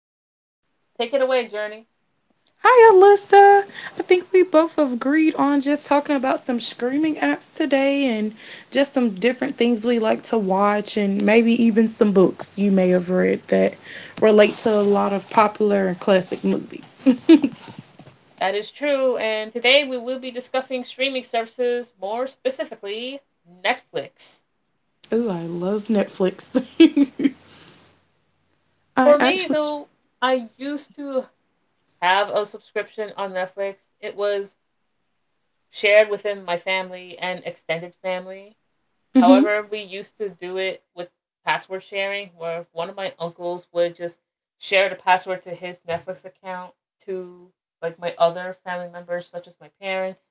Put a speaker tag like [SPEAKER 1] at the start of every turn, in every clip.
[SPEAKER 1] Journey. Take it away, Journey.
[SPEAKER 2] Hi, Alyssa. I think we both agreed on just talking about some streaming apps today and just some different things we like to watch, and maybe even some books you may have read that relate to a lot of popular and classic movies.
[SPEAKER 1] That is true, and today we will be discussing streaming services, more specifically, Netflix.
[SPEAKER 2] Ooh, I love Netflix. I
[SPEAKER 1] For me,
[SPEAKER 2] actually,
[SPEAKER 1] though, I used to have a subscription on Netflix. It was shared within my family and extended family.
[SPEAKER 2] hmm
[SPEAKER 1] However, we used to do it with password sharing, where one of my uncles would just share the password to his Netflix account to like my other family members, such as my parents.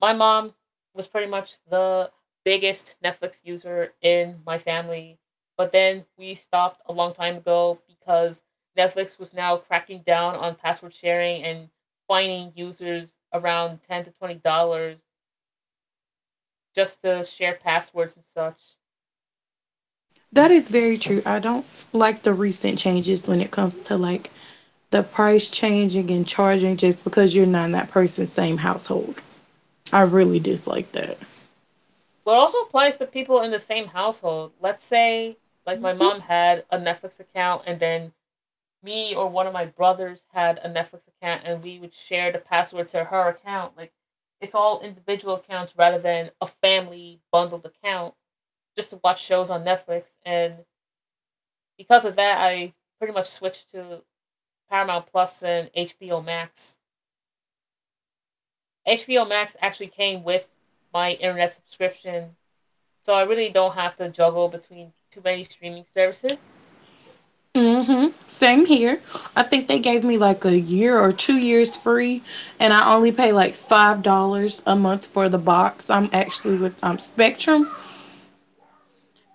[SPEAKER 1] My mom was pretty much the biggest Netflix user in my family, but then we stopped a long time ago because Netflix was now cracking down on password sharing and fining users around $10 to $20 just to share passwords and such.
[SPEAKER 2] that is very true. I don't like the recent changes when it comes to like the price changing and charging just because you're not in that person's same household. I really dislike that.
[SPEAKER 1] But it also applies to people in the same household. Let's say, like, my mom had a Netflix account, and then me or one of my brothers had a Netflix account, and we would share the password to her account. Like, it's all individual accounts rather than a family bundled account just to watch shows on Netflix. And because of that, I pretty much switched to Paramount Plus and HBO Max. HBO Max actually came with my internet subscription, so I really don't have to juggle between too many streaming services.
[SPEAKER 2] Same here. I think they gave me like a year or 2 years free, and I only pay like $5 a month for the box. I'm actually with Spectrum,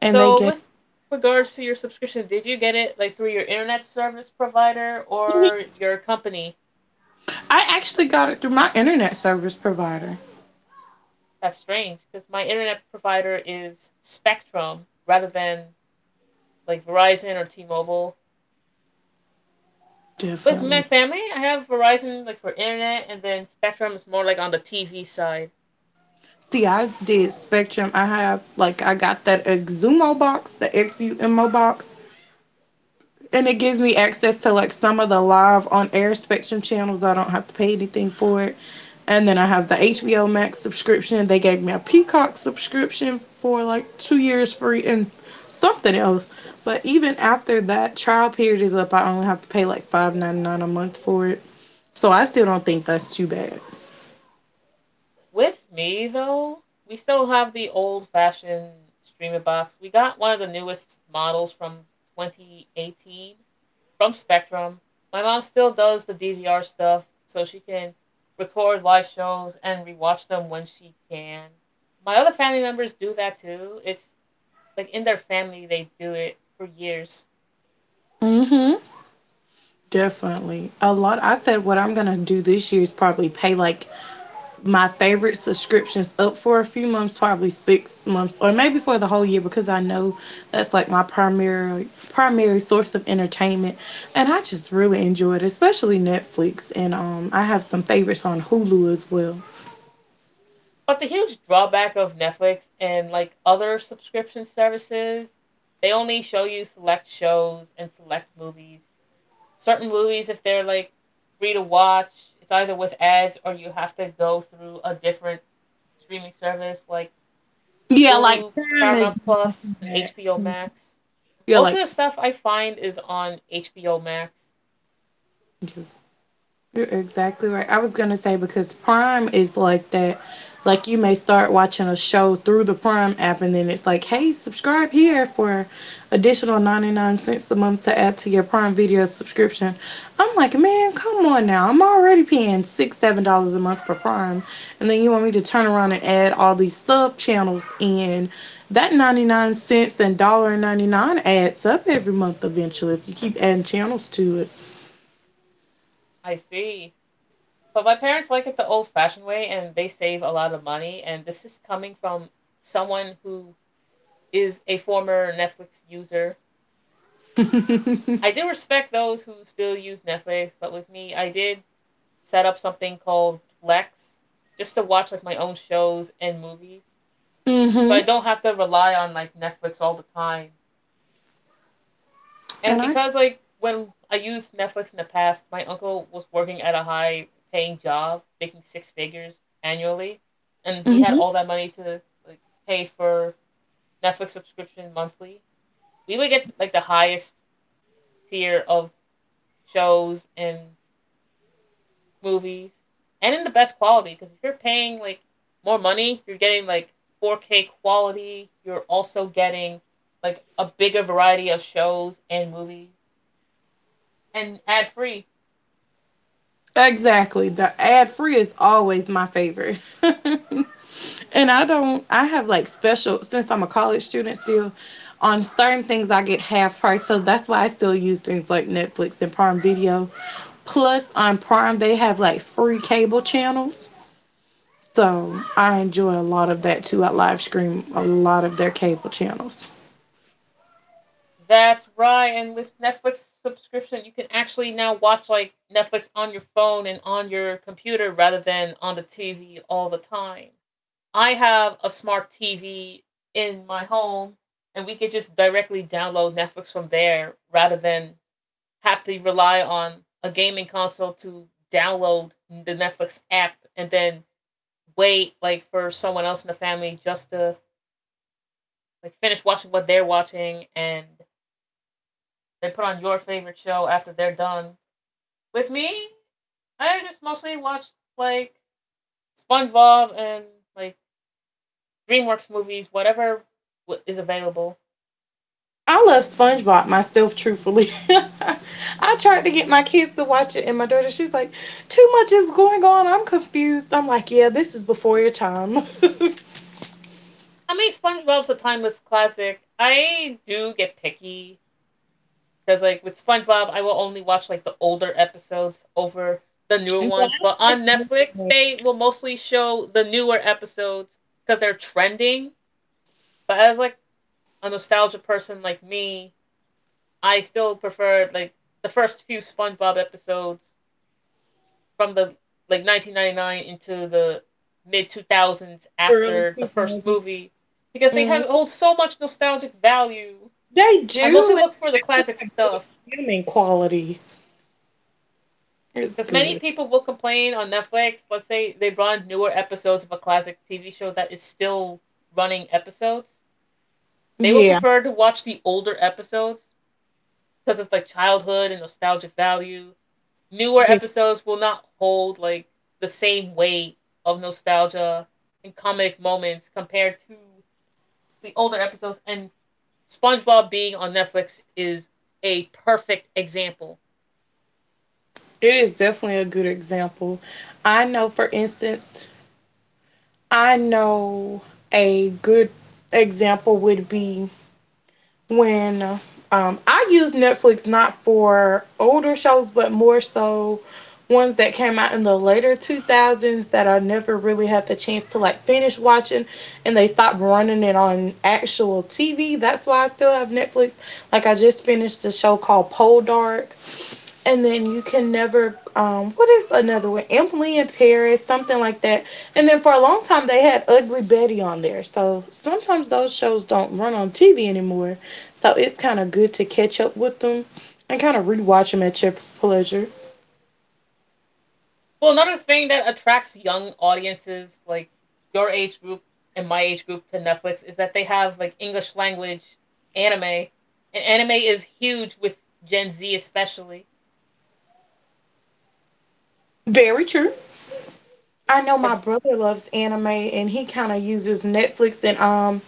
[SPEAKER 2] and they
[SPEAKER 1] So
[SPEAKER 2] gave.
[SPEAKER 1] with regards to your subscription, did you get it like through your internet service provider or your company?
[SPEAKER 2] I actually got it through my internet service provider.
[SPEAKER 1] That's strange because my internet provider is Spectrum rather than like Verizon or T-Mobile. With my
[SPEAKER 2] Definitely.
[SPEAKER 1] family, I have Verizon like for internet, and then Spectrum is more like on the TV side.
[SPEAKER 2] See, I did Spectrum. I have like I got that Exumo box, the Xumo box, and it gives me access to like some of the live on air Spectrum channels. I don't have to pay anything for it. And then I have the HBO Max subscription. They gave me a Peacock subscription for like 2 years free and something else. But even after that trial period is up, I only have to pay like 5.99 a month for it. So I still don't think that's too bad.
[SPEAKER 1] With me though, we still have the old fashioned streamer box. We got one of the newest models from 2018 from Spectrum. My mom still does the DVR stuff so she can record live shows and rewatch them when she can. My other family members do that too. It's like in their family they do it for years.
[SPEAKER 2] Mm-hmm. Definitely. A lot, I said what I'm gonna do this year is probably pay like my favorite subscriptions up for a few months, probably 6 months or maybe for the whole year, because I know that's like my primary source of entertainment, and I just really enjoy it, especially Netflix, and I have some favorites on Hulu as well.
[SPEAKER 1] But the huge drawback of Netflix and like other subscription services, they only show you select shows and select movies, certain movies. If they're like free to watch, it's either with ads or you have to go through a different streaming service like
[SPEAKER 2] Yeah, like
[SPEAKER 1] Hulu,
[SPEAKER 2] Crime is
[SPEAKER 1] Paramount Plus, and
[SPEAKER 2] that.
[SPEAKER 1] HBO Max.
[SPEAKER 2] Yeah,
[SPEAKER 1] Most of
[SPEAKER 2] like,
[SPEAKER 1] the stuff I find is on HBO Max.
[SPEAKER 2] yeah. You're exactly right. I was gonna say because Prime is like that. Like, you may start watching a show through the Prime app, and then it's like, hey, subscribe here for additional 99 cents a month to add to your Prime Video subscription. I'm like, man, come on now. I'm already paying six, $7 a month for Prime, and then you want me to turn around and add all these sub channels in. That 99 cents and dollar and 99 adds up every month eventually if you keep adding channels to it.
[SPEAKER 1] I see. But my parents like it the old fashioned way and they save a lot of money. And this is coming from someone who is a former Netflix user. I do respect those who still use Netflix, but with me, I did set up something called Plex just to watch like my own shows and movies. So
[SPEAKER 2] Mhm.
[SPEAKER 1] I don't have to rely on like Netflix all the time. And
[SPEAKER 2] And I
[SPEAKER 1] because like when I used Netflix in the past, my uncle was working at a high paying job, making six figures annually, and he had
[SPEAKER 2] hmm
[SPEAKER 1] all that money to like pay for Netflix subscription monthly. We would get like the highest tier of shows and movies and in the best quality because if you're paying like more money, you're getting like 4K quality. You're also getting like a bigger variety of shows and movies and ad free.
[SPEAKER 2] Exactly. The ad free is always my favorite. And I don't, I have like special, since I'm a college student still, on certain things I get half price. So that's why I still use things like Netflix and Prime Video. Plus, on Prime, they have like free cable channels. So I enjoy a lot of that too. I live stream a lot of their cable channels.
[SPEAKER 1] That's right. And with Netflix subscription, you can actually now watch like Netflix on your phone and on your computer rather than on the TV all the time. I have a smart TV in my home and we could just directly download Netflix from there rather than have to rely on a gaming console to download the Netflix app and then wait like for someone else in the family just to like finish watching what they're watching and then put on your favorite show after they're done. With me, I just mostly watched like SpongeBob and like DreamWorks movies, whatever is available.
[SPEAKER 2] I love SpongeBob myself, truthfully. I tried to get my kids to watch it, and my daughter, she's like, "Too much is going on. I'm confused." I'm like, "Yeah, this is before your time."
[SPEAKER 1] I mean, SpongeBob's a timeless classic. I do get picky. Because like with SpongeBob, I will only watch like the older episodes over the newer
[SPEAKER 2] But I
[SPEAKER 1] ones. But
[SPEAKER 2] didn't like
[SPEAKER 1] on
[SPEAKER 2] the middle
[SPEAKER 1] Netflix,
[SPEAKER 2] one,
[SPEAKER 1] they will mostly show the newer episodes because they're trending. But as like a nostalgia person like me, I still preferred like the first few SpongeBob episodes from the like 1999 into the mid 2000s
[SPEAKER 2] early
[SPEAKER 1] after the first
[SPEAKER 2] 2000s.
[SPEAKER 1] movie because they
[SPEAKER 2] Mm.
[SPEAKER 1] have hold so much nostalgic value.
[SPEAKER 2] They
[SPEAKER 1] I mostly
[SPEAKER 2] do, and
[SPEAKER 1] look for
[SPEAKER 2] they
[SPEAKER 1] the
[SPEAKER 2] actually
[SPEAKER 1] classic
[SPEAKER 2] have good
[SPEAKER 1] stuff.
[SPEAKER 2] human quality. It's
[SPEAKER 1] Because many
[SPEAKER 2] good.
[SPEAKER 1] people will complain on Netflix. Let's say they run newer episodes of a classic TV show that is still running episodes. They will
[SPEAKER 2] Yeah,
[SPEAKER 1] prefer to watch the older episodes because of like childhood and nostalgic value. Newer episodes will not hold like the same weight of nostalgia and comedic moments compared to the older episodes. And SpongeBob being on Netflix is a perfect example.
[SPEAKER 2] it is definitely a good example. I know, for instance, I know a good example would be when I use Netflix not for older shows, but more so ones that came out in the later 2000s that I never really had the chance to like finish watching, and they stopped running it on actual TV. That's why I still have Netflix. Like, I just finished a show called Pole Dark, and then you can never, what is another one, Emily in Paris, something like that. And then for a long time they had Ugly Betty on there, so sometimes those shows don't run on TV anymore, so it's kind of good to catch up with them and kind of rewatch them at your pleasure.
[SPEAKER 1] Well, another thing that attracts young audiences, like your age group and my age group, to Netflix is that they have like English language anime, and anime is huge with Gen Z especially.
[SPEAKER 2] Very true. I know my
[SPEAKER 1] Because
[SPEAKER 2] brother loves anime and he kind of uses Netflix, and um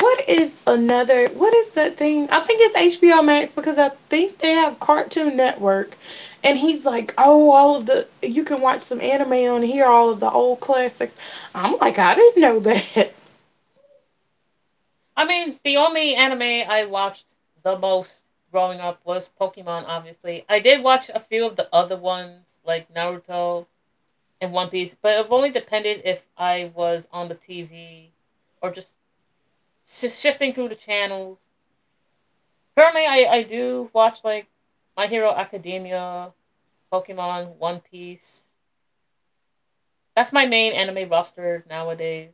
[SPEAKER 2] what is another what is that thing? I think it's HBO Max, because I think they have Cartoon Network, and he's like, "Oh, all of the you can watch some anime on here, all of the old classics." I'm like, "I didn't know that."
[SPEAKER 1] I mean, the only anime I watched the most growing up was Pokemon. Obviously, I did watch a few of the other ones like Naruto and One Piece, but it only depended if I was on the TV or just shifting through the channels. Currently, I do watch like My Hero Academia, Pokemon, One Piece. That's my main anime roster nowadays.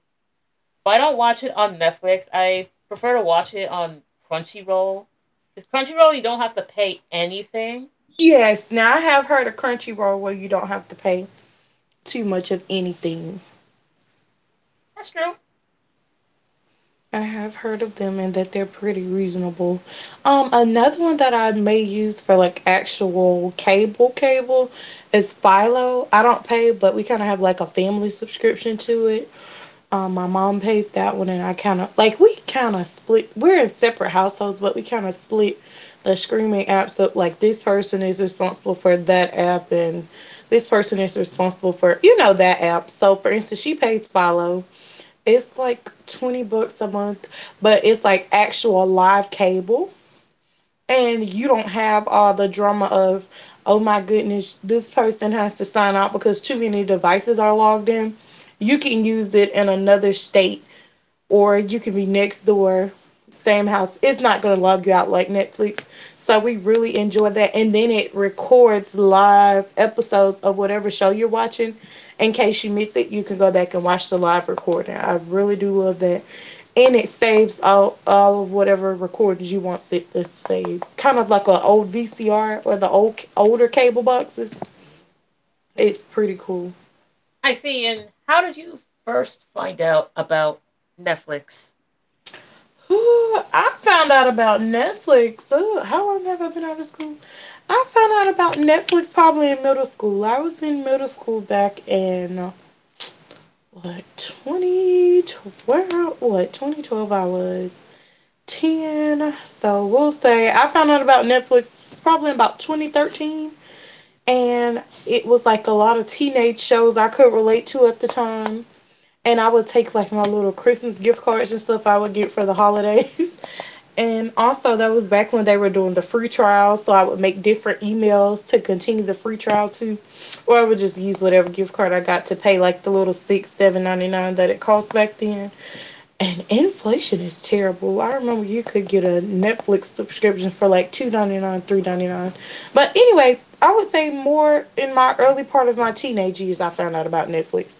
[SPEAKER 1] But I don't watch it on Netflix. I prefer to watch it on Crunchyroll. Because Crunchyroll, you don't have to pay anything.
[SPEAKER 2] Yes, now I have heard of Crunchyroll where you don't have to pay too much of anything.
[SPEAKER 1] That's true.
[SPEAKER 2] I have heard of them and that they're pretty reasonable. Another one that I may use for like actual cable cable is Philo. I don't pay, but we kind of have like a family subscription to it. My mom pays that one, and I kind of like we kind of split. We're in separate households, but we kind of split the streaming apps up. Like, this person is responsible for that app, and this person is responsible for that app. So, for instance, she pays Philo, it's like 20 bucks a month, but it's like actual live cable. And you don't have all the drama of, oh my goodness, this person has to sign out because too many devices are logged in. You can use it in another state, or you can be next door, same house. It's not going to log you out like Netflix. So we really enjoy that. And then it records live episodes of whatever show you're watching. In case you miss it, you can go back and watch the live recording. I really do love that. And it saves all of whatever recordings you want it to save. Kind of like an old VCR or the old older cable boxes. It's pretty cool.
[SPEAKER 1] I see. And how did you first find out about Netflix?
[SPEAKER 2] Ooh, I found out about Netflix. Ooh, how long have I been out of school? I found out about Netflix probably in middle school. I was in middle school back in, what, 2012? What, 2012? I was 10. So we'll say I found out about Netflix probably in about 2013, and it was like a lot of teenage shows I could relate to at the time. And I would take like my little Christmas gift cards and stuff I would get for the holidays. And also, that was back when they were doing the free trial. So I would make different emails to continue the free trial too, or I would just use whatever gift card I got to pay like the little six seven ninety nine that it cost back then. And inflation is terrible. I remember you could get a Netflix subscription for like 2.99, 3.99. But anyway, I would say more in my early part of my teenage years, I found out about Netflix.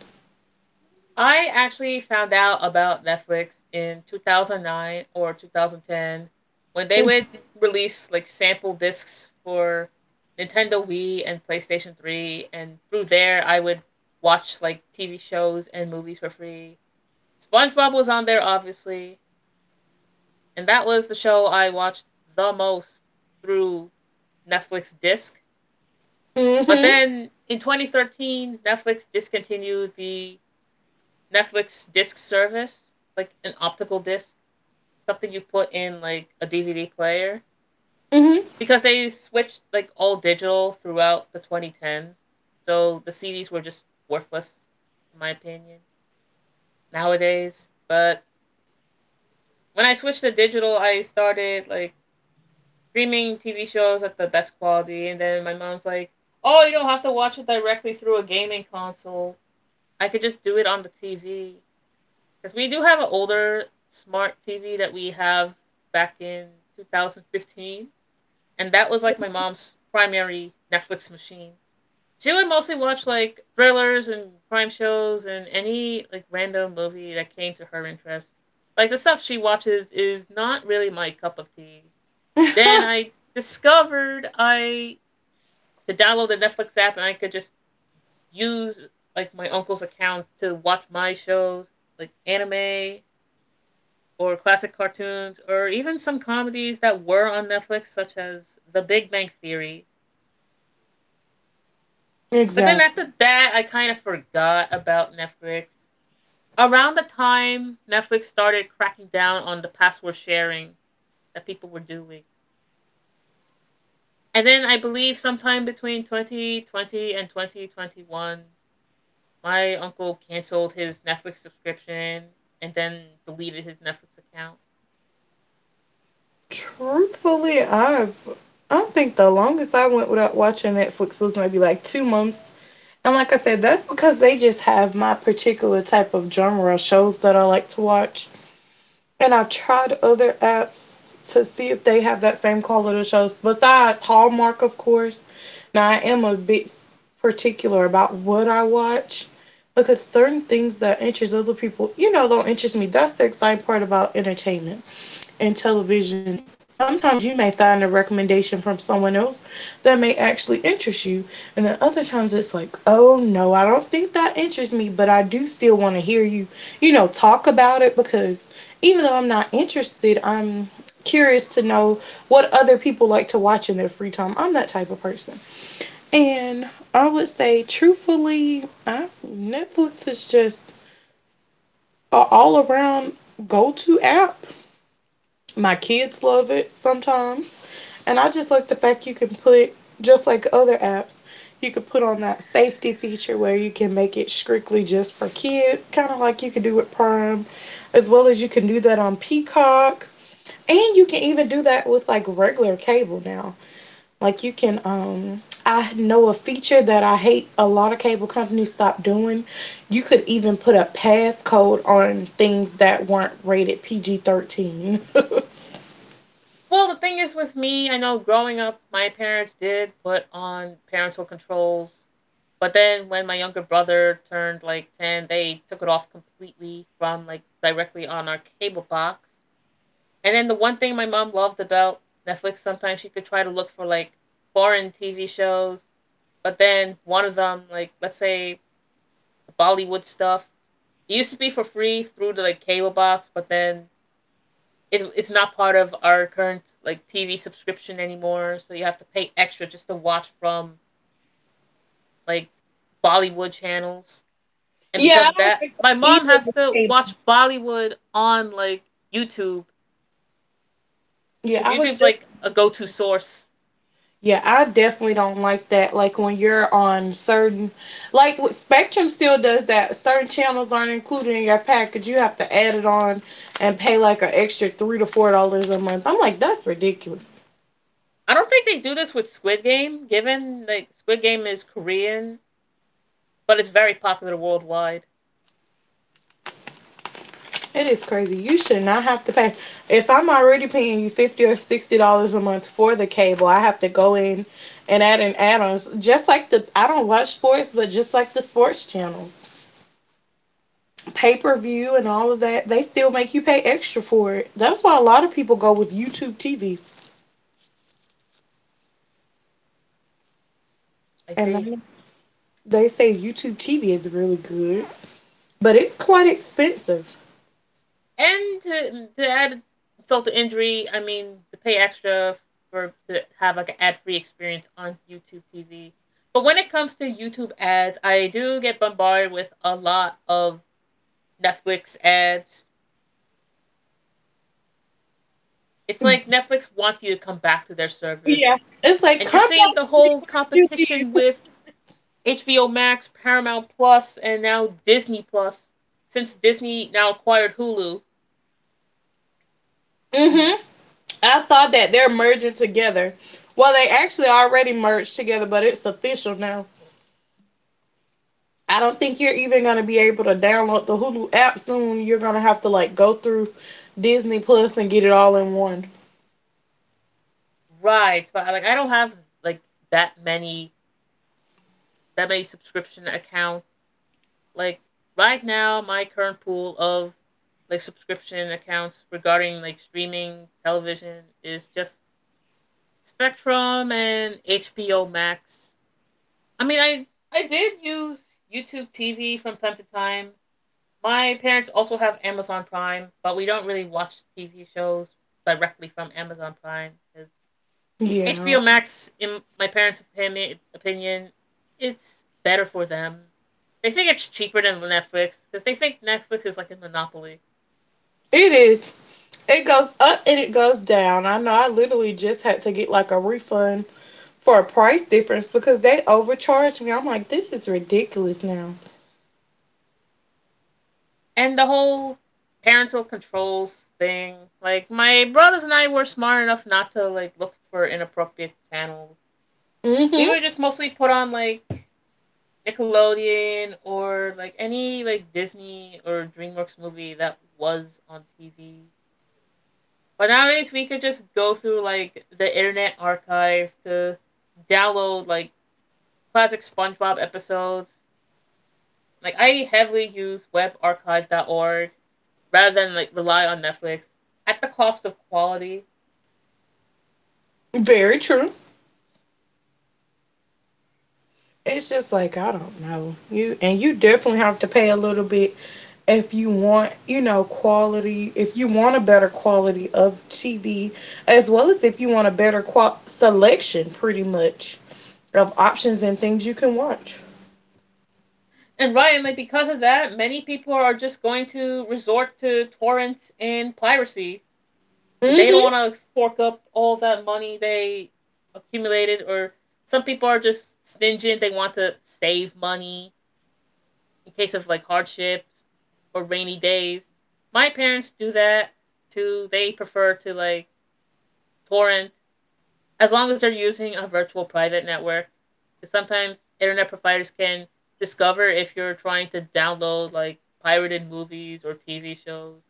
[SPEAKER 1] I actually found out about Netflix in 2009 or 2010 when they would release like sample discs for Nintendo Wii and PlayStation 3, and through there I would watch like TV shows and movies for free. SpongeBob was on there obviously, and that was the show I watched the most through Netflix disc. But
[SPEAKER 2] Mm-hmm.
[SPEAKER 1] then in 2013 Netflix discontinued the Netflix disc service, like an optical disc, something you put in like a DVD player,
[SPEAKER 2] Mm-hmm.
[SPEAKER 1] because they switched like all digital throughout the 2010s. So the CDs were just worthless, in my opinion, nowadays. But when I switched to digital, I started like streaming TV shows at the best quality, and then my mom's like, "Oh, you don't have to watch it directly through a gaming console. I could just do it on the TV." Because we do have an older smart TV that we have back in 2015. And that was like my mom's primary Netflix machine. She would mostly watch like thrillers and crime shows and any like random movie that came to her interest. Like the stuff she watches is not really my cup of tea. Then I discovered I could download the Netflix app and I could just use like my uncle's account to watch my shows like anime or classic cartoons or even some comedies that were on Netflix, such as The Big Bang Theory. But then
[SPEAKER 2] Exactly.
[SPEAKER 1] after that, I kind of forgot about Netflix. Around the time Netflix started cracking down on the password sharing that people were doing. And then I believe sometime between 2020 and 2021, my uncle canceled his Netflix subscription and then deleted his Netflix account.
[SPEAKER 2] Truthfully, I think the longest I went without watching Netflix was maybe like 2 months. And like I said, that's because they just have my particular type of genre of shows that I like to watch. And I've tried other apps to see if they have that same quality of shows besides Hallmark, of course. Now, I am a bit particular about what I watch, because certain things that interest other people, you know, don't interest me. That's the exciting part about entertainment and television, sometimes you may find a recommendation from someone else that may actually interest you. And then other times it's like, oh no, I don't think that interests me, but I do still want to hear you, you know, talk about it, because even though I'm not interested, I'm curious to know what other people like to watch in their free time. I'm that type of person. And I would say, truthfully, Netflix is just a all around go to app, my kids love it sometimes. And I just like the fact you can put, just like other apps, you could put on that safety feature where you can make it strictly just for kids, kind of like you can do with Prime, as well as you can do that on Peacock. And you can even do that with like regular cable now. Like, you can I know a feature that I hate, a lot of cable companies stopped doing. You could even put a passcode on things that weren't rated PG-13.
[SPEAKER 1] Well, the thing is with me, I know growing up, my parents did put on parental controls. But then when my younger brother turned like 10, they took it off completely from like directly on our cable box. And then the one thing my mom loved about Netflix, sometimes she could try to look for like foreign TV shows. But then one of them, like let's say the Bollywood stuff, it used to be for free through the like cable box, but then it's not part of our current like TV subscription anymore, so you have to pay extra just to watch from like Bollywood channels. And
[SPEAKER 2] Yeah,
[SPEAKER 1] because of
[SPEAKER 2] I don't
[SPEAKER 1] that,
[SPEAKER 2] like
[SPEAKER 1] my
[SPEAKER 2] that
[SPEAKER 1] mom
[SPEAKER 2] either.
[SPEAKER 1] has
[SPEAKER 2] The
[SPEAKER 1] to
[SPEAKER 2] table.
[SPEAKER 1] watch Bollywood on like YouTube
[SPEAKER 2] Yeah,
[SPEAKER 1] because
[SPEAKER 2] I was
[SPEAKER 1] YouTube's like a
[SPEAKER 2] just.
[SPEAKER 1] go-to source.
[SPEAKER 2] Yeah, I definitely don't like that. Like, when you're on certain, like, what, Spectrum still does that. Certain channels aren't included in your package. You have to add it on and pay like an extra $3 to $4 a month. I'm like, that's ridiculous.
[SPEAKER 1] I don't think they do this with Squid Game, given like Squid Game is Korean, but it's very popular worldwide.
[SPEAKER 2] It is crazy. You should not have to pay. If I'm already paying you $50 or $60 a month for the cable, I have to go in and add in add-ons. Just like the, I don't watch sports, but just like the sports channels. Pay per view and all of that, they still make you pay extra for it. That's why a lot of people go with YouTube TV,
[SPEAKER 1] I
[SPEAKER 2] and
[SPEAKER 1] see.
[SPEAKER 2] they say YouTube TV is really good, but it's quite expensive.
[SPEAKER 1] And to add insult to injury, I mean to pay extra for to have like an ad free experience on YouTube TV. But when it comes to YouTube ads, I do get bombarded with a lot of Netflix ads. It's like Netflix wants you to come back to their
[SPEAKER 2] Yeah,
[SPEAKER 1] service.
[SPEAKER 2] it's like
[SPEAKER 1] And you're
[SPEAKER 2] come
[SPEAKER 1] seeing
[SPEAKER 2] back
[SPEAKER 1] the
[SPEAKER 2] to me.
[SPEAKER 1] whole
[SPEAKER 2] Why did you
[SPEAKER 1] competition
[SPEAKER 2] leave?
[SPEAKER 1] with HBO Max, Paramount Plus, and now Disney Plus. Since Disney now acquired Hulu,
[SPEAKER 2] Mhm. I saw that they're merging together. Well, they actually already merged together, but it's official now. I don't think you're even gonna be able to download the Hulu app soon. You're gonna have to like go through Disney Plus and get it all in one.
[SPEAKER 1] right? But like I don't have like that many debit subscription account. Like right now, my current pool of like subscription accounts regarding like streaming television is just Spectrum and HBO Max. I mean, I did use YouTube TV from time to time. My parents also have Amazon Prime, but we don't really watch TV shows directly from Amazon Prime because
[SPEAKER 2] Yeah,
[SPEAKER 1] HBO Max, in my parents' opinion, it's better for them. They think it's cheaper than Netflix because they think Netflix is like a monopoly.
[SPEAKER 2] it is. It goes up and it goes down. I know I literally just had to get like a refund for a price difference because they overcharged me. I'm like, this is ridiculous now.
[SPEAKER 1] And the whole parental controls thing, like my brothers and I were smart enough not to look for inappropriate channels. We
[SPEAKER 2] Mm-hmm.
[SPEAKER 1] were just mostly put on Nickelodeon or like any like Disney or DreamWorks movie that was on TV. But nowadays we could just go through like the internet archive to download like classic SpongeBob episodes. Like I heavily use webarchive.org rather than like rely on Netflix at the cost of quality.
[SPEAKER 2] Very true. It's just like I don't know. You definitely have to pay a little bit if you want, you know, quality, if you want a better quality of TV, as well as if you want a selection, pretty much, of options and things you can watch.
[SPEAKER 1] And Ryan, like because of that, many people are just going to resort to torrents and piracy because they don't
[SPEAKER 2] Mm-hmm.
[SPEAKER 1] want to fork up all that money they accumulated, or some people are just stingy and they want to save money in case of like hardships or rainy days. My parents do that too. They prefer to like torrent as long as they're using a virtual private network. 'Cause sometimes internet providers can discover if you're trying to download like pirated movies or TV shows.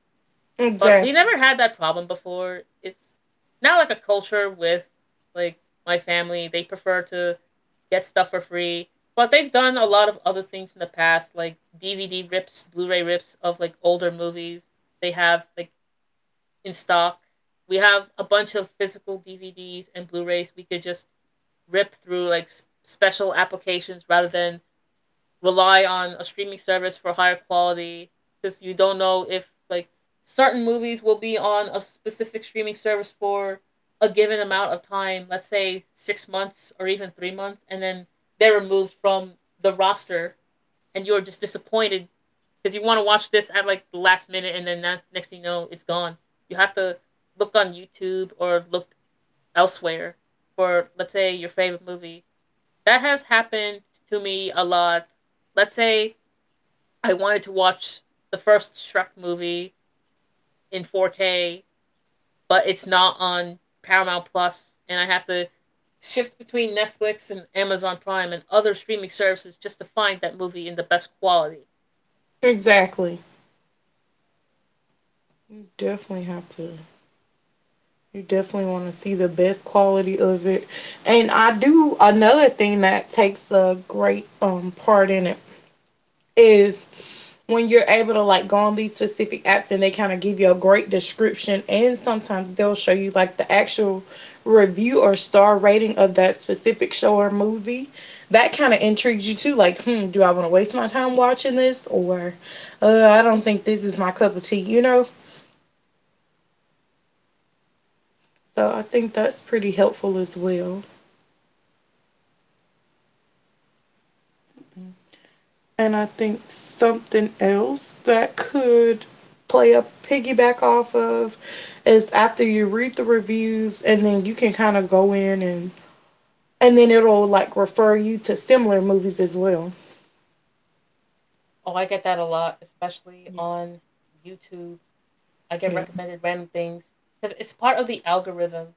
[SPEAKER 1] But we
[SPEAKER 2] Exactly.
[SPEAKER 1] never had that problem before. It's not like a culture with like my family. They prefer to get stuff for free. But they've done a lot of other things in the past, like DVD rips, Blu-ray rips of like older movies. They have like in stock. We have a bunch of physical DVDs and Blu-rays. We could just rip through like special applications rather than rely on a streaming service for higher quality, because you don't know if like certain movies will be on a specific streaming service for a given amount of time, let's say six months or even three months, and then they're removed from the roster, and you're just disappointed because you want to watch this at like the last minute, and then that next thing you know, it's gone. You have to look on YouTube or look elsewhere for, let's say, your favorite movie. That has happened to me a lot. Let's say I wanted to watch the first Shrek movie in 4K, but it's not on Paramount Plus, and I have to shift between Netflix and Amazon Prime and other streaming services just to find that movie in the best quality.
[SPEAKER 2] Exactly. You definitely have to. You definitely want to see the best quality of it. And I do another thing that takes a great part in it is when you're able to like go on these specific apps and they kind of give you a great description, and sometimes they'll show you like the actual review or star rating of that specific show or movie. That kind of intrigues you too, like, hmm, do I want to waste my time watching this, or I don't think this is my cup of tea, you know? So I think that's pretty helpful as well. And I think something else that could play a piggyback off of is after you read the reviews and then you can kind of go in and then it'll like refer you to similar movies as well.
[SPEAKER 1] Oh, I get that a lot, especially
[SPEAKER 2] Yeah.
[SPEAKER 1] on YouTube. I get
[SPEAKER 2] Yeah.
[SPEAKER 1] recommended random things because it's part of the algorithm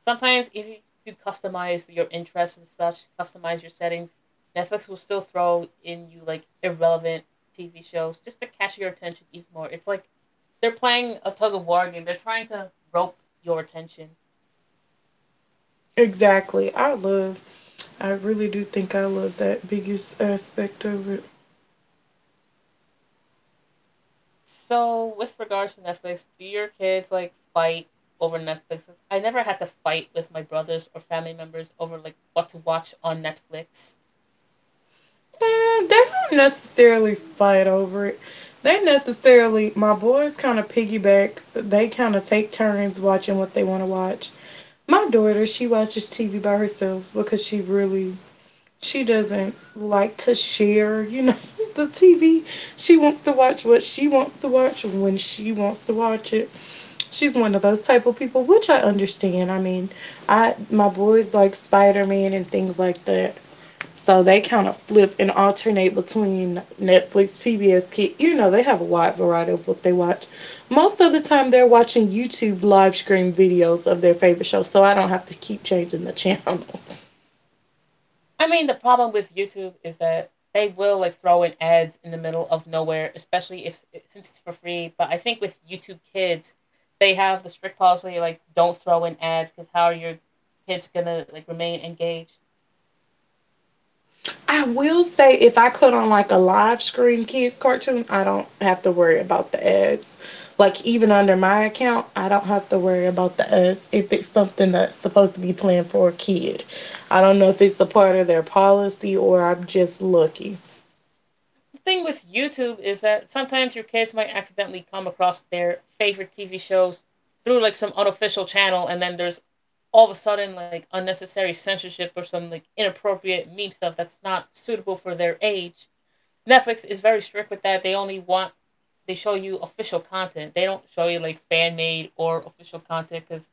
[SPEAKER 1] sometimes if you customize your interests and such, customize your settings, Netflix will still throw in you like irrelevant TV shows just to catch your attention even more. It's like they're playing a tug of war game. They're trying to rope your attention.
[SPEAKER 2] Exactly. I really do think I love that biggest aspect of it.
[SPEAKER 1] So with regards to Netflix, do your kids like fight over Netflix? I never had to fight with my brothers or family members over like what to watch on Netflix.
[SPEAKER 2] Mm, they don't necessarily fight over it. They necessarily, my boys kind of piggyback. They kind of take turns watching what they want to watch. My daughter, she watches TV by herself because she doesn't like to share, you know, the TV. She wants to watch what she wants to watch when she wants to watch it. She's one of those type of people, which I understand. I mean, I my boys like Spider Man and things like that. So they kind of flip and alternate between Netflix, PBS Kids. You know, they have a wide variety of what they watch. Most of the time, they're watching YouTube live stream videos of their favorite show, so I don't have to keep changing the channel.
[SPEAKER 1] I mean, the problem with YouTube is that they will like throw in ads in the middle of nowhere, especially if since it's for free. But I think with YouTube Kids, they have the strict policy like don't throw in ads because how are your kids gonna like remain engaged?
[SPEAKER 2] I will say, if I put on like a live stream kids cartoon, I don't have to worry about the ads. Like, even under my account, I don't have to worry about the ads if it's something that's supposed to be planned for a kid. I don't know if it's a part of their policy or I'm just lucky.
[SPEAKER 1] The thing with YouTube is that sometimes your kids might accidentally come across their favorite TV shows through like some unofficial channel, and then there's all of a sudden like unnecessary censorship or some like inappropriate meme stuff that's not suitable for their age. Netflix is very strict with that. They only want They show you official content. They don't show you like fan made or official content because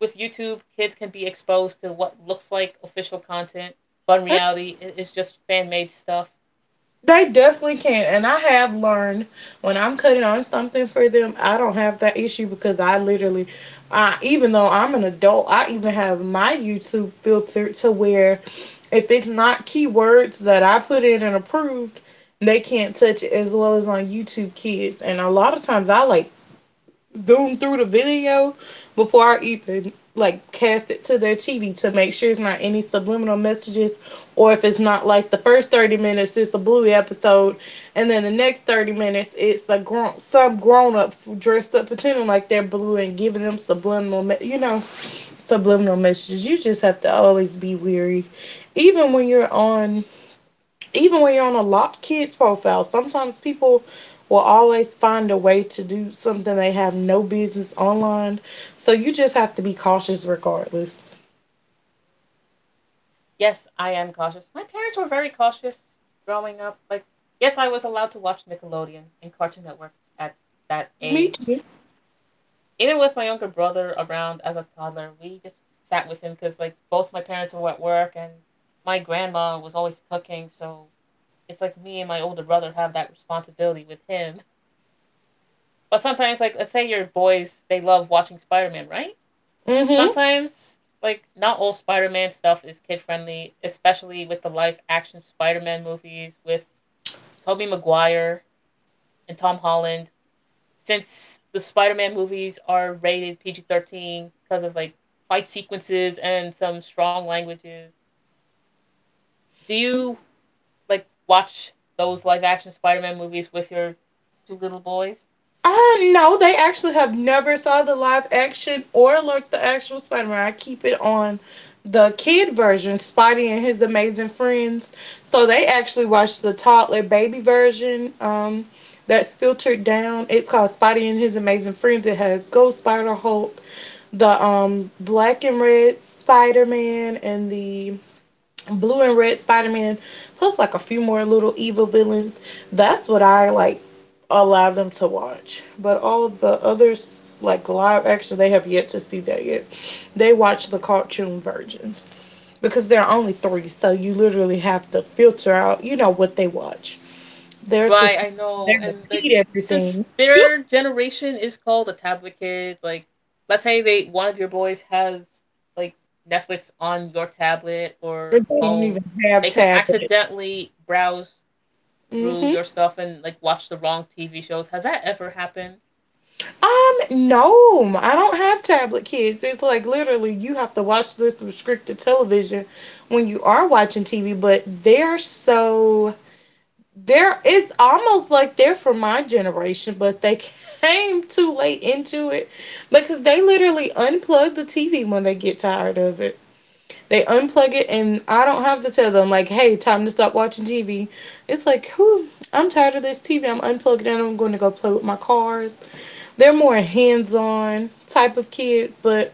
[SPEAKER 1] with YouTube, kids can be exposed to what looks like official content, but in reality, it is just fan made stuff.
[SPEAKER 2] They definitely can. And I have learned when I'm cutting on something for them, I don't have that issue because even though I'm an adult, I even have my YouTube filter to where if it's not keywords that I put in and approved, they can't touch it, as well as on YouTube Kids. And a lot of times I like zoom through the video before I even like cast it to their TV to make sure it's not any subliminal messages, or if it's not like the first 30 minutes it's a Bluey episode and then the next 30 minutes it's a grown up dressed up pretending like they're blue and giving them subliminal messages. You just have to always be weary, even when you're on even when you're on a locked kids profile, sometimes people will always find a way to do something they have no business online. So you just have to be cautious regardless.
[SPEAKER 1] Yes, I am cautious. My parents were very cautious growing up. Like, yes, I was allowed to watch Nickelodeon and Cartoon Network at that
[SPEAKER 2] Me too.
[SPEAKER 1] age. Even with my younger brother around as a toddler, we just sat with him because like both my parents were at work and my grandma was always cooking, so it's like me and my older brother have that responsibility with him. But sometimes, like let's say your boys, they love watching Spider Man, right?
[SPEAKER 2] Hmm
[SPEAKER 1] Sometimes, like not all Spider Man stuff is kid friendly, especially with the live action Spider Man movies with Tobey Maguire and Tom Holland. Since the Spider-Man movies are rated PG-13 because of like fight sequences and some strong languages, do you like watch those live action Spider-Man movies with your two little boys?
[SPEAKER 2] Uh, no, they actually have never saw the live action or like the actual Spider-Man. I keep it on the kid version, Spidey and His Amazing Friends. So they actually watched the toddler baby version. That's filtered down. It's called Spidey and His Amazing Friends. It has Ghost Spider Hulk, the black and red Spider-Man, and the Blue and Red Spider Man, plus like a few more little evil villains. That's what I like allow them to watch. But all of the others, like live action, they have yet to see that yet. They watch the cartoon versions because there are only three, so you literally have to filter out, you know, what they watch. They're the
[SPEAKER 1] Right, I
[SPEAKER 2] they
[SPEAKER 1] know. And like
[SPEAKER 2] repeat everything.
[SPEAKER 1] since their generation is called a tablet kid, let's say they one of your boys has like Netflix on your tablet
[SPEAKER 2] They
[SPEAKER 1] or
[SPEAKER 2] don't even
[SPEAKER 1] phone,
[SPEAKER 2] have
[SPEAKER 1] they can
[SPEAKER 2] tablets.
[SPEAKER 1] accidentally browse through
[SPEAKER 2] Hmm
[SPEAKER 1] your stuff and like watch the wrong TV shows. Has that ever happened?
[SPEAKER 2] Um, no, I don't have tablet kids. It's like literally you have to watch this restricted television when you are watching TV, but they're so they're it's almost like they're from my generation, but they came too late into it because they literally unplug the TV when they get tired of it. They unplug it and I don't have to tell them like, "Hey, time to stop watching TV." It's like, "Who? I'm tired of this TV. I'm unplugging it, and I'm going to go play with my cars." They're more hands-on type of kids, but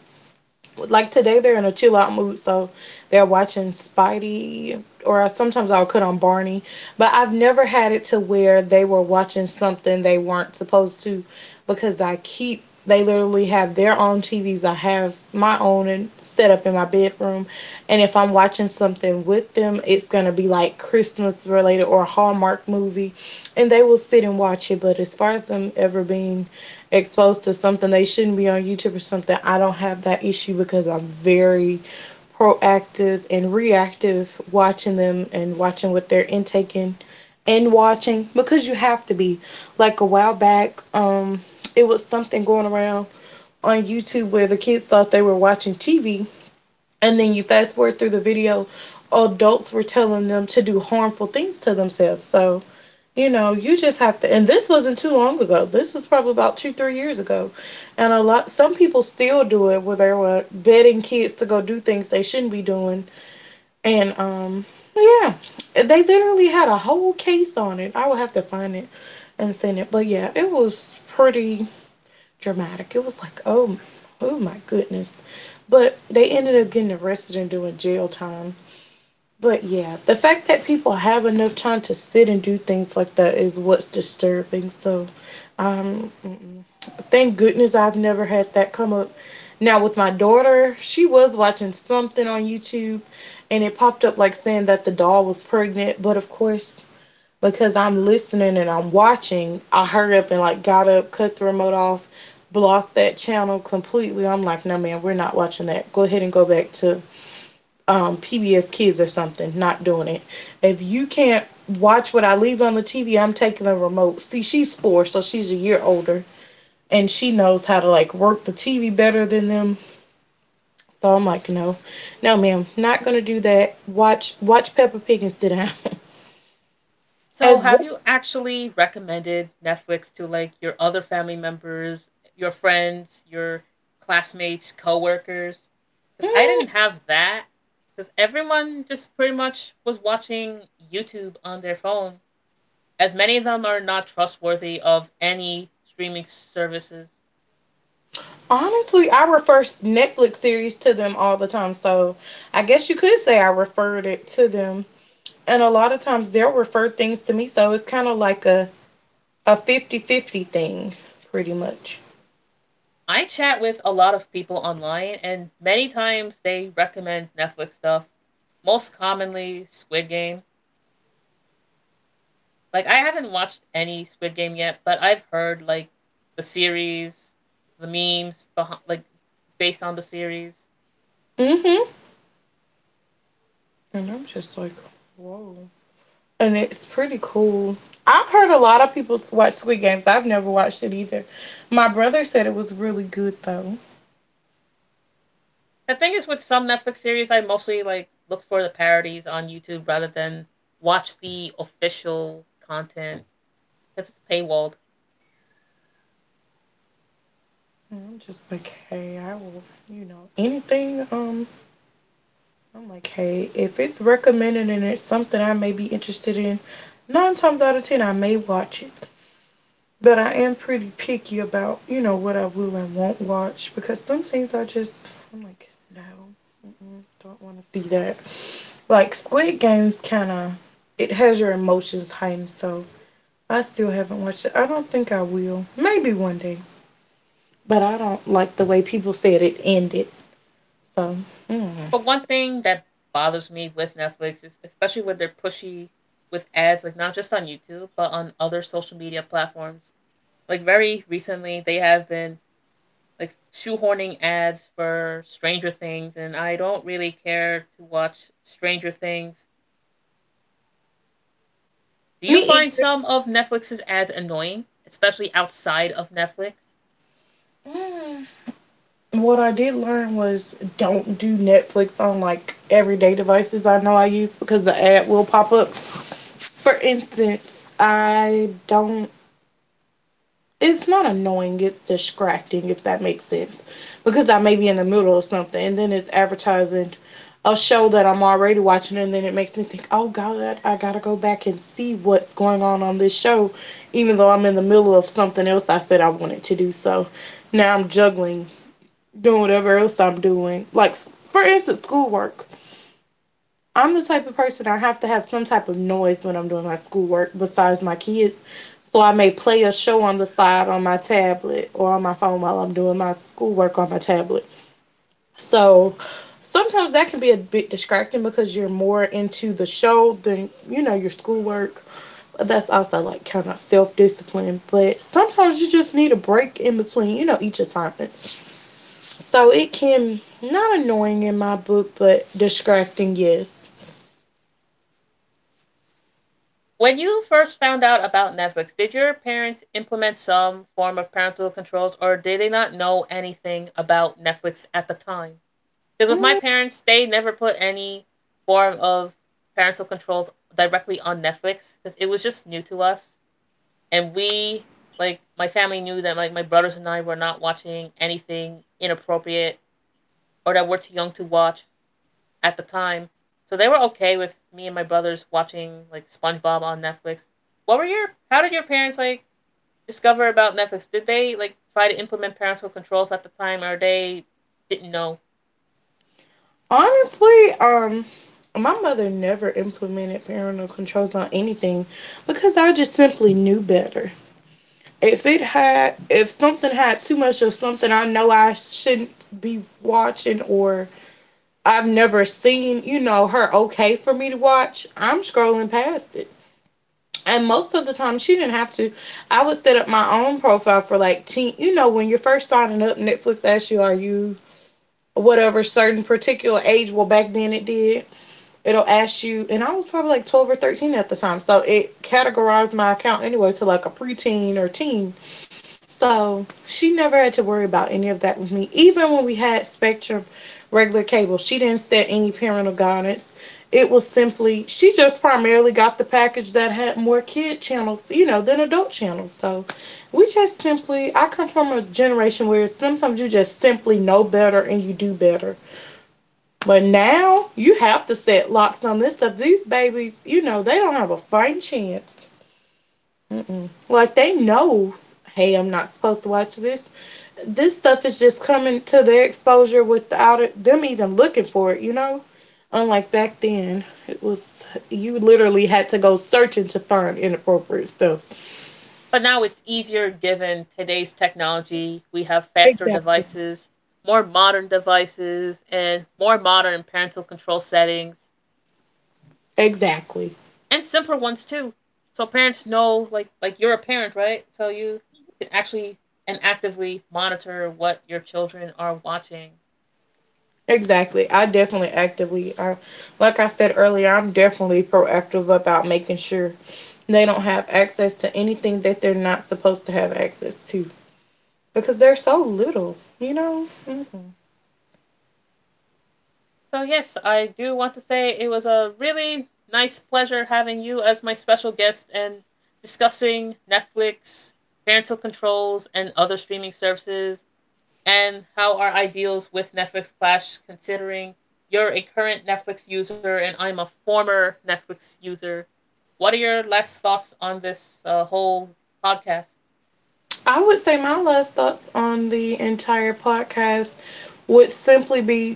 [SPEAKER 2] like today they're in a chill out mood, so they're watching Spidey, or sometimes I'll cut on Barney, but I've never had it to where they were watching something they weren't supposed to because I keep they literally have their own TVs. I have my own and set up in my bedroom. And if I'm watching something with them, it's going to be like Christmas related or a Hallmark movie. And they will sit and watch it. But as far as them ever being exposed to something they shouldn't be on YouTube or something, I don't have that issue because I'm very proactive and reactive, watching them and watching what they're intaking and watching, because you have to be. Like a while back, it was something going around on YouTube where the kids thought they were watching TV, and then you fast forward through the video, adults were telling them to do harmful things to themselves. So you know you just have to, and this wasn't too long ago, this was probably about 2 3 years ago, and a lot some people still do it, where they were betting kids to go do things they shouldn't be doing. And yeah, they literally had a whole case on it. I will have to find it and send it. But yeah, it was pretty dramatic. It was like, oh, oh my goodness. But they ended up getting arrested and doing jail time. But yeah, the fact that people have enough time to sit and do things like that is what's disturbing. So, um, thank goodness I've never had that come up. Now, with my daughter, she was watching something on YouTube and it popped up like saying that the doll was pregnant. But of course, because I'm listening and I'm watching, I hurried up and like got up, cut the remote off, blocked that channel completely. I'm like, no, man, we're not watching that. Go ahead and go back to PBS Kids or something. Not doing it. If you can't watch what I leave on the TV, I'm taking the remote. See, she's four, so she's a year older, and she knows how to like work the TV better than them. So I'm like, no, no, ma'am, not gonna do that. Watch Peppa Pig and sit down.
[SPEAKER 1] So,
[SPEAKER 2] As
[SPEAKER 1] have
[SPEAKER 2] well,
[SPEAKER 1] you actually recommended Netflix to like your other family members, your friends, your classmates, coworkers? Because I didn't have that. Because everyone just pretty much was watching YouTube on their phone, as many of them are not trustworthy of any streaming services.
[SPEAKER 2] honestly, I refer Netflix series to them all the time, so I guess you could say I referred it to them. And a lot of times they'll refer things to me, so it's kind of like a 50-50 thing, pretty much.
[SPEAKER 1] I chat with a lot of people online, and many times they recommend Netflix stuff. Most commonly, Squid Game. Like, I haven't watched any Squid Game yet, but I've heard, like, the series, the memes, behind, like, based on the series.
[SPEAKER 2] Hmm And I'm just like, whoa. And it's pretty cool. I've heard a lot of people watch Squid Games. I've never watched it either. My brother said it was really good though.
[SPEAKER 1] The thing is, with some Netflix series, I mostly, like, look for the parodies on YouTube rather than watch the official content because it's paywalled.
[SPEAKER 2] And I'm just like, hey, I will, you know, anything. I'm like, hey, if it's recommended and it's something I may be interested in, 9 times out of 10 I may watch it. But I am pretty picky about, you know, what I will and won't watch because some things I just, I'm like, no, mm-mm, don't want to see that. Like Squid Game's kind of, it has your emotions heightened, so I still haven't watched it. I don't think I will. Maybe one day. But I don't like the way people said it ended, so. Mm.
[SPEAKER 1] But one thing that bothers me with Netflix is especially when they're pushy with ads, like not just on YouTube, but on other social media platforms. Like very recently, they have been like shoehorning ads for Stranger Things, and I don't really care to watch Stranger Things. Do
[SPEAKER 2] Me
[SPEAKER 1] you find
[SPEAKER 2] either.
[SPEAKER 1] some of Netflix's ads annoying, especially outside of Netflix?
[SPEAKER 2] Mm. What I did learn was don't do Netflix on like everyday devices I know I use, because the ad will pop up. For instance, I don't. It's not annoying. It's distracting, if that makes sense, because I may be in the middle of something, and then it's advertising a show that I'm already watching, and then it makes me think, oh God, I gotta go back and see what's going on this show, even though I'm in the middle of something else I said I wanted to do. So now I'm juggling, doing whatever else I'm doing. Like, for instance, schoolwork. I'm the type of person, I have to have some type of noise when I'm doing my schoolwork besides my kids. So I may play a show on the side on my tablet or on my phone while I'm doing my schoolwork on my tablet. So sometimes that can be a bit distracting because you're more into the show than, your schoolwork. But that's also like kind of self discipline. But sometimes you just need a break in between, each assignment. So it can, not annoying in my book, but distracting, yes.
[SPEAKER 1] When you first found out about Netflix, did your parents implement some form of parental controls or did they not know anything about Netflix at the time? Because with my
[SPEAKER 2] Mm.
[SPEAKER 1] parents, they never put any form of parental controls directly on Netflix because it was just new to us. And we, like, my family knew that, like, my brothers and I were not watching anything inappropriate or that we're too young to watch at the time. So they were okay with me and my brothers watching like SpongeBob on Netflix. What were your How did your parents like discover about Netflix? Did they like try to implement parental controls at the time, or they didn't know?
[SPEAKER 2] Honestly, my mother never implemented parental controls on anything because I just simply knew better. If something had too much of something I know I shouldn't be watching, or I've never seen, you know, her okay for me to watch, I'm scrolling past it. And most of the time, she didn't have to. I would set up my own profile for like teen. You know, when you're first signing up, Netflix asks you, are you whatever certain particular age? Well, back then it did, it'll ask you, and I was probably like 12 or 13 at the time, so it categorized my account anyway to like a preteen or teen. So she never had to worry about any of that with me. Even when we had Spectrum regular cable, she didn't set any parental guidance. It was simply, she just primarily got the package that had more kid channels, you know, than adult channels. So we just simply, I come from a generation where sometimes you just simply know better and you do better. But now you have to set locks on this stuff. These babies, you know, they don't have a fighting chance. Like, they know, hey, I'm not supposed to watch this. This stuff is just coming to their exposure without it, them even looking for it, you know? Unlike back then, it was you literally had to go searching to find inappropriate stuff.
[SPEAKER 1] But now it's easier given today's technology. We have faster
[SPEAKER 2] Exactly.
[SPEAKER 1] devices, more modern devices, and more modern parental control settings,
[SPEAKER 2] Exactly.
[SPEAKER 1] and simpler ones too. So parents know, like you're a parent, right? So you can actually and actively monitor what your children are watching.
[SPEAKER 2] Exactly. I definitely actively, I, like I said earlier, I'm definitely proactive about making sure they don't have access to anything that they're not supposed to have access to, because they're so little, you know? Mm-hmm.
[SPEAKER 1] So yes, I do want to say it was a really nice pleasure having you as my special guest and discussing Netflix, parental controls, and other streaming services, and how our ideals with Netflix clash, considering you're a current Netflix user and I'm a former Netflix user. What are your last thoughts on this whole podcast?
[SPEAKER 2] I would say my last thoughts on the entire podcast would simply be,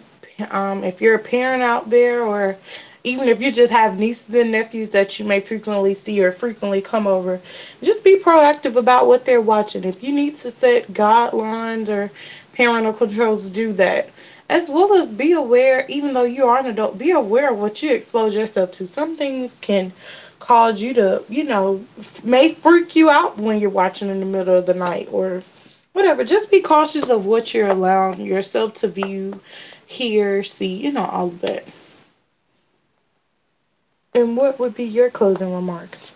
[SPEAKER 2] if you're a parent out there, or even if you just have nieces and nephews that you may frequently see or frequently come over, just be proactive about what they're watching. If you need to set guidelines or parental controls, do that. As well as, be aware, even though you are an adult, be aware of what you expose yourself to. Some things can cause you to, you know, may freak you out when you're watching in the middle of the night or whatever. Just be cautious of what you're allowing yourself to view, hear, see, you know, all of that. And what would be your closing remarks?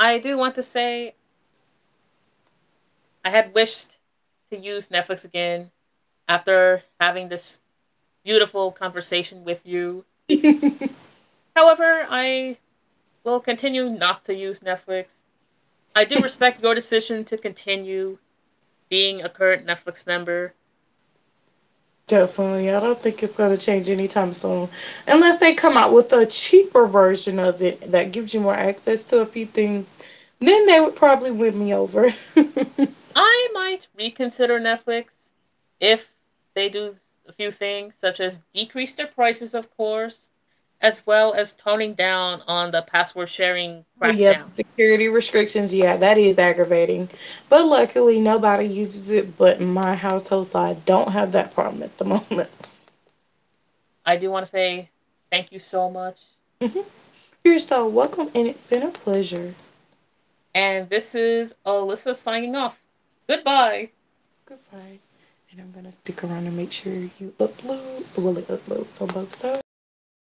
[SPEAKER 1] I do want to say I had wished to use Netflix again after having this beautiful conversation with you. However, I will continue not to use Netflix. I do respect your decision to continue being a current Netflix member.
[SPEAKER 2] Definitely. I don't think it's going to change anytime soon. Unless they come out with a cheaper version of it that gives you more access to a few things, then they would probably win me over.
[SPEAKER 1] I might reconsider Netflix if they do a few things, such as decrease their prices, of course, as well as toning down on the password sharing
[SPEAKER 2] Oh yeah, the
[SPEAKER 1] crackdowns.
[SPEAKER 2] security restrictions. Yeah, that is aggravating. But luckily, nobody uses it but my household, so I don't have that problem at the moment.
[SPEAKER 1] I do want to say thank you so much.
[SPEAKER 2] You're so welcome, and it's been a pleasure.
[SPEAKER 1] And this is Alyssa signing off. Goodbye.
[SPEAKER 2] Goodbye. And I'm gonna stick around and make sure you upload. Will it upload? On both sides?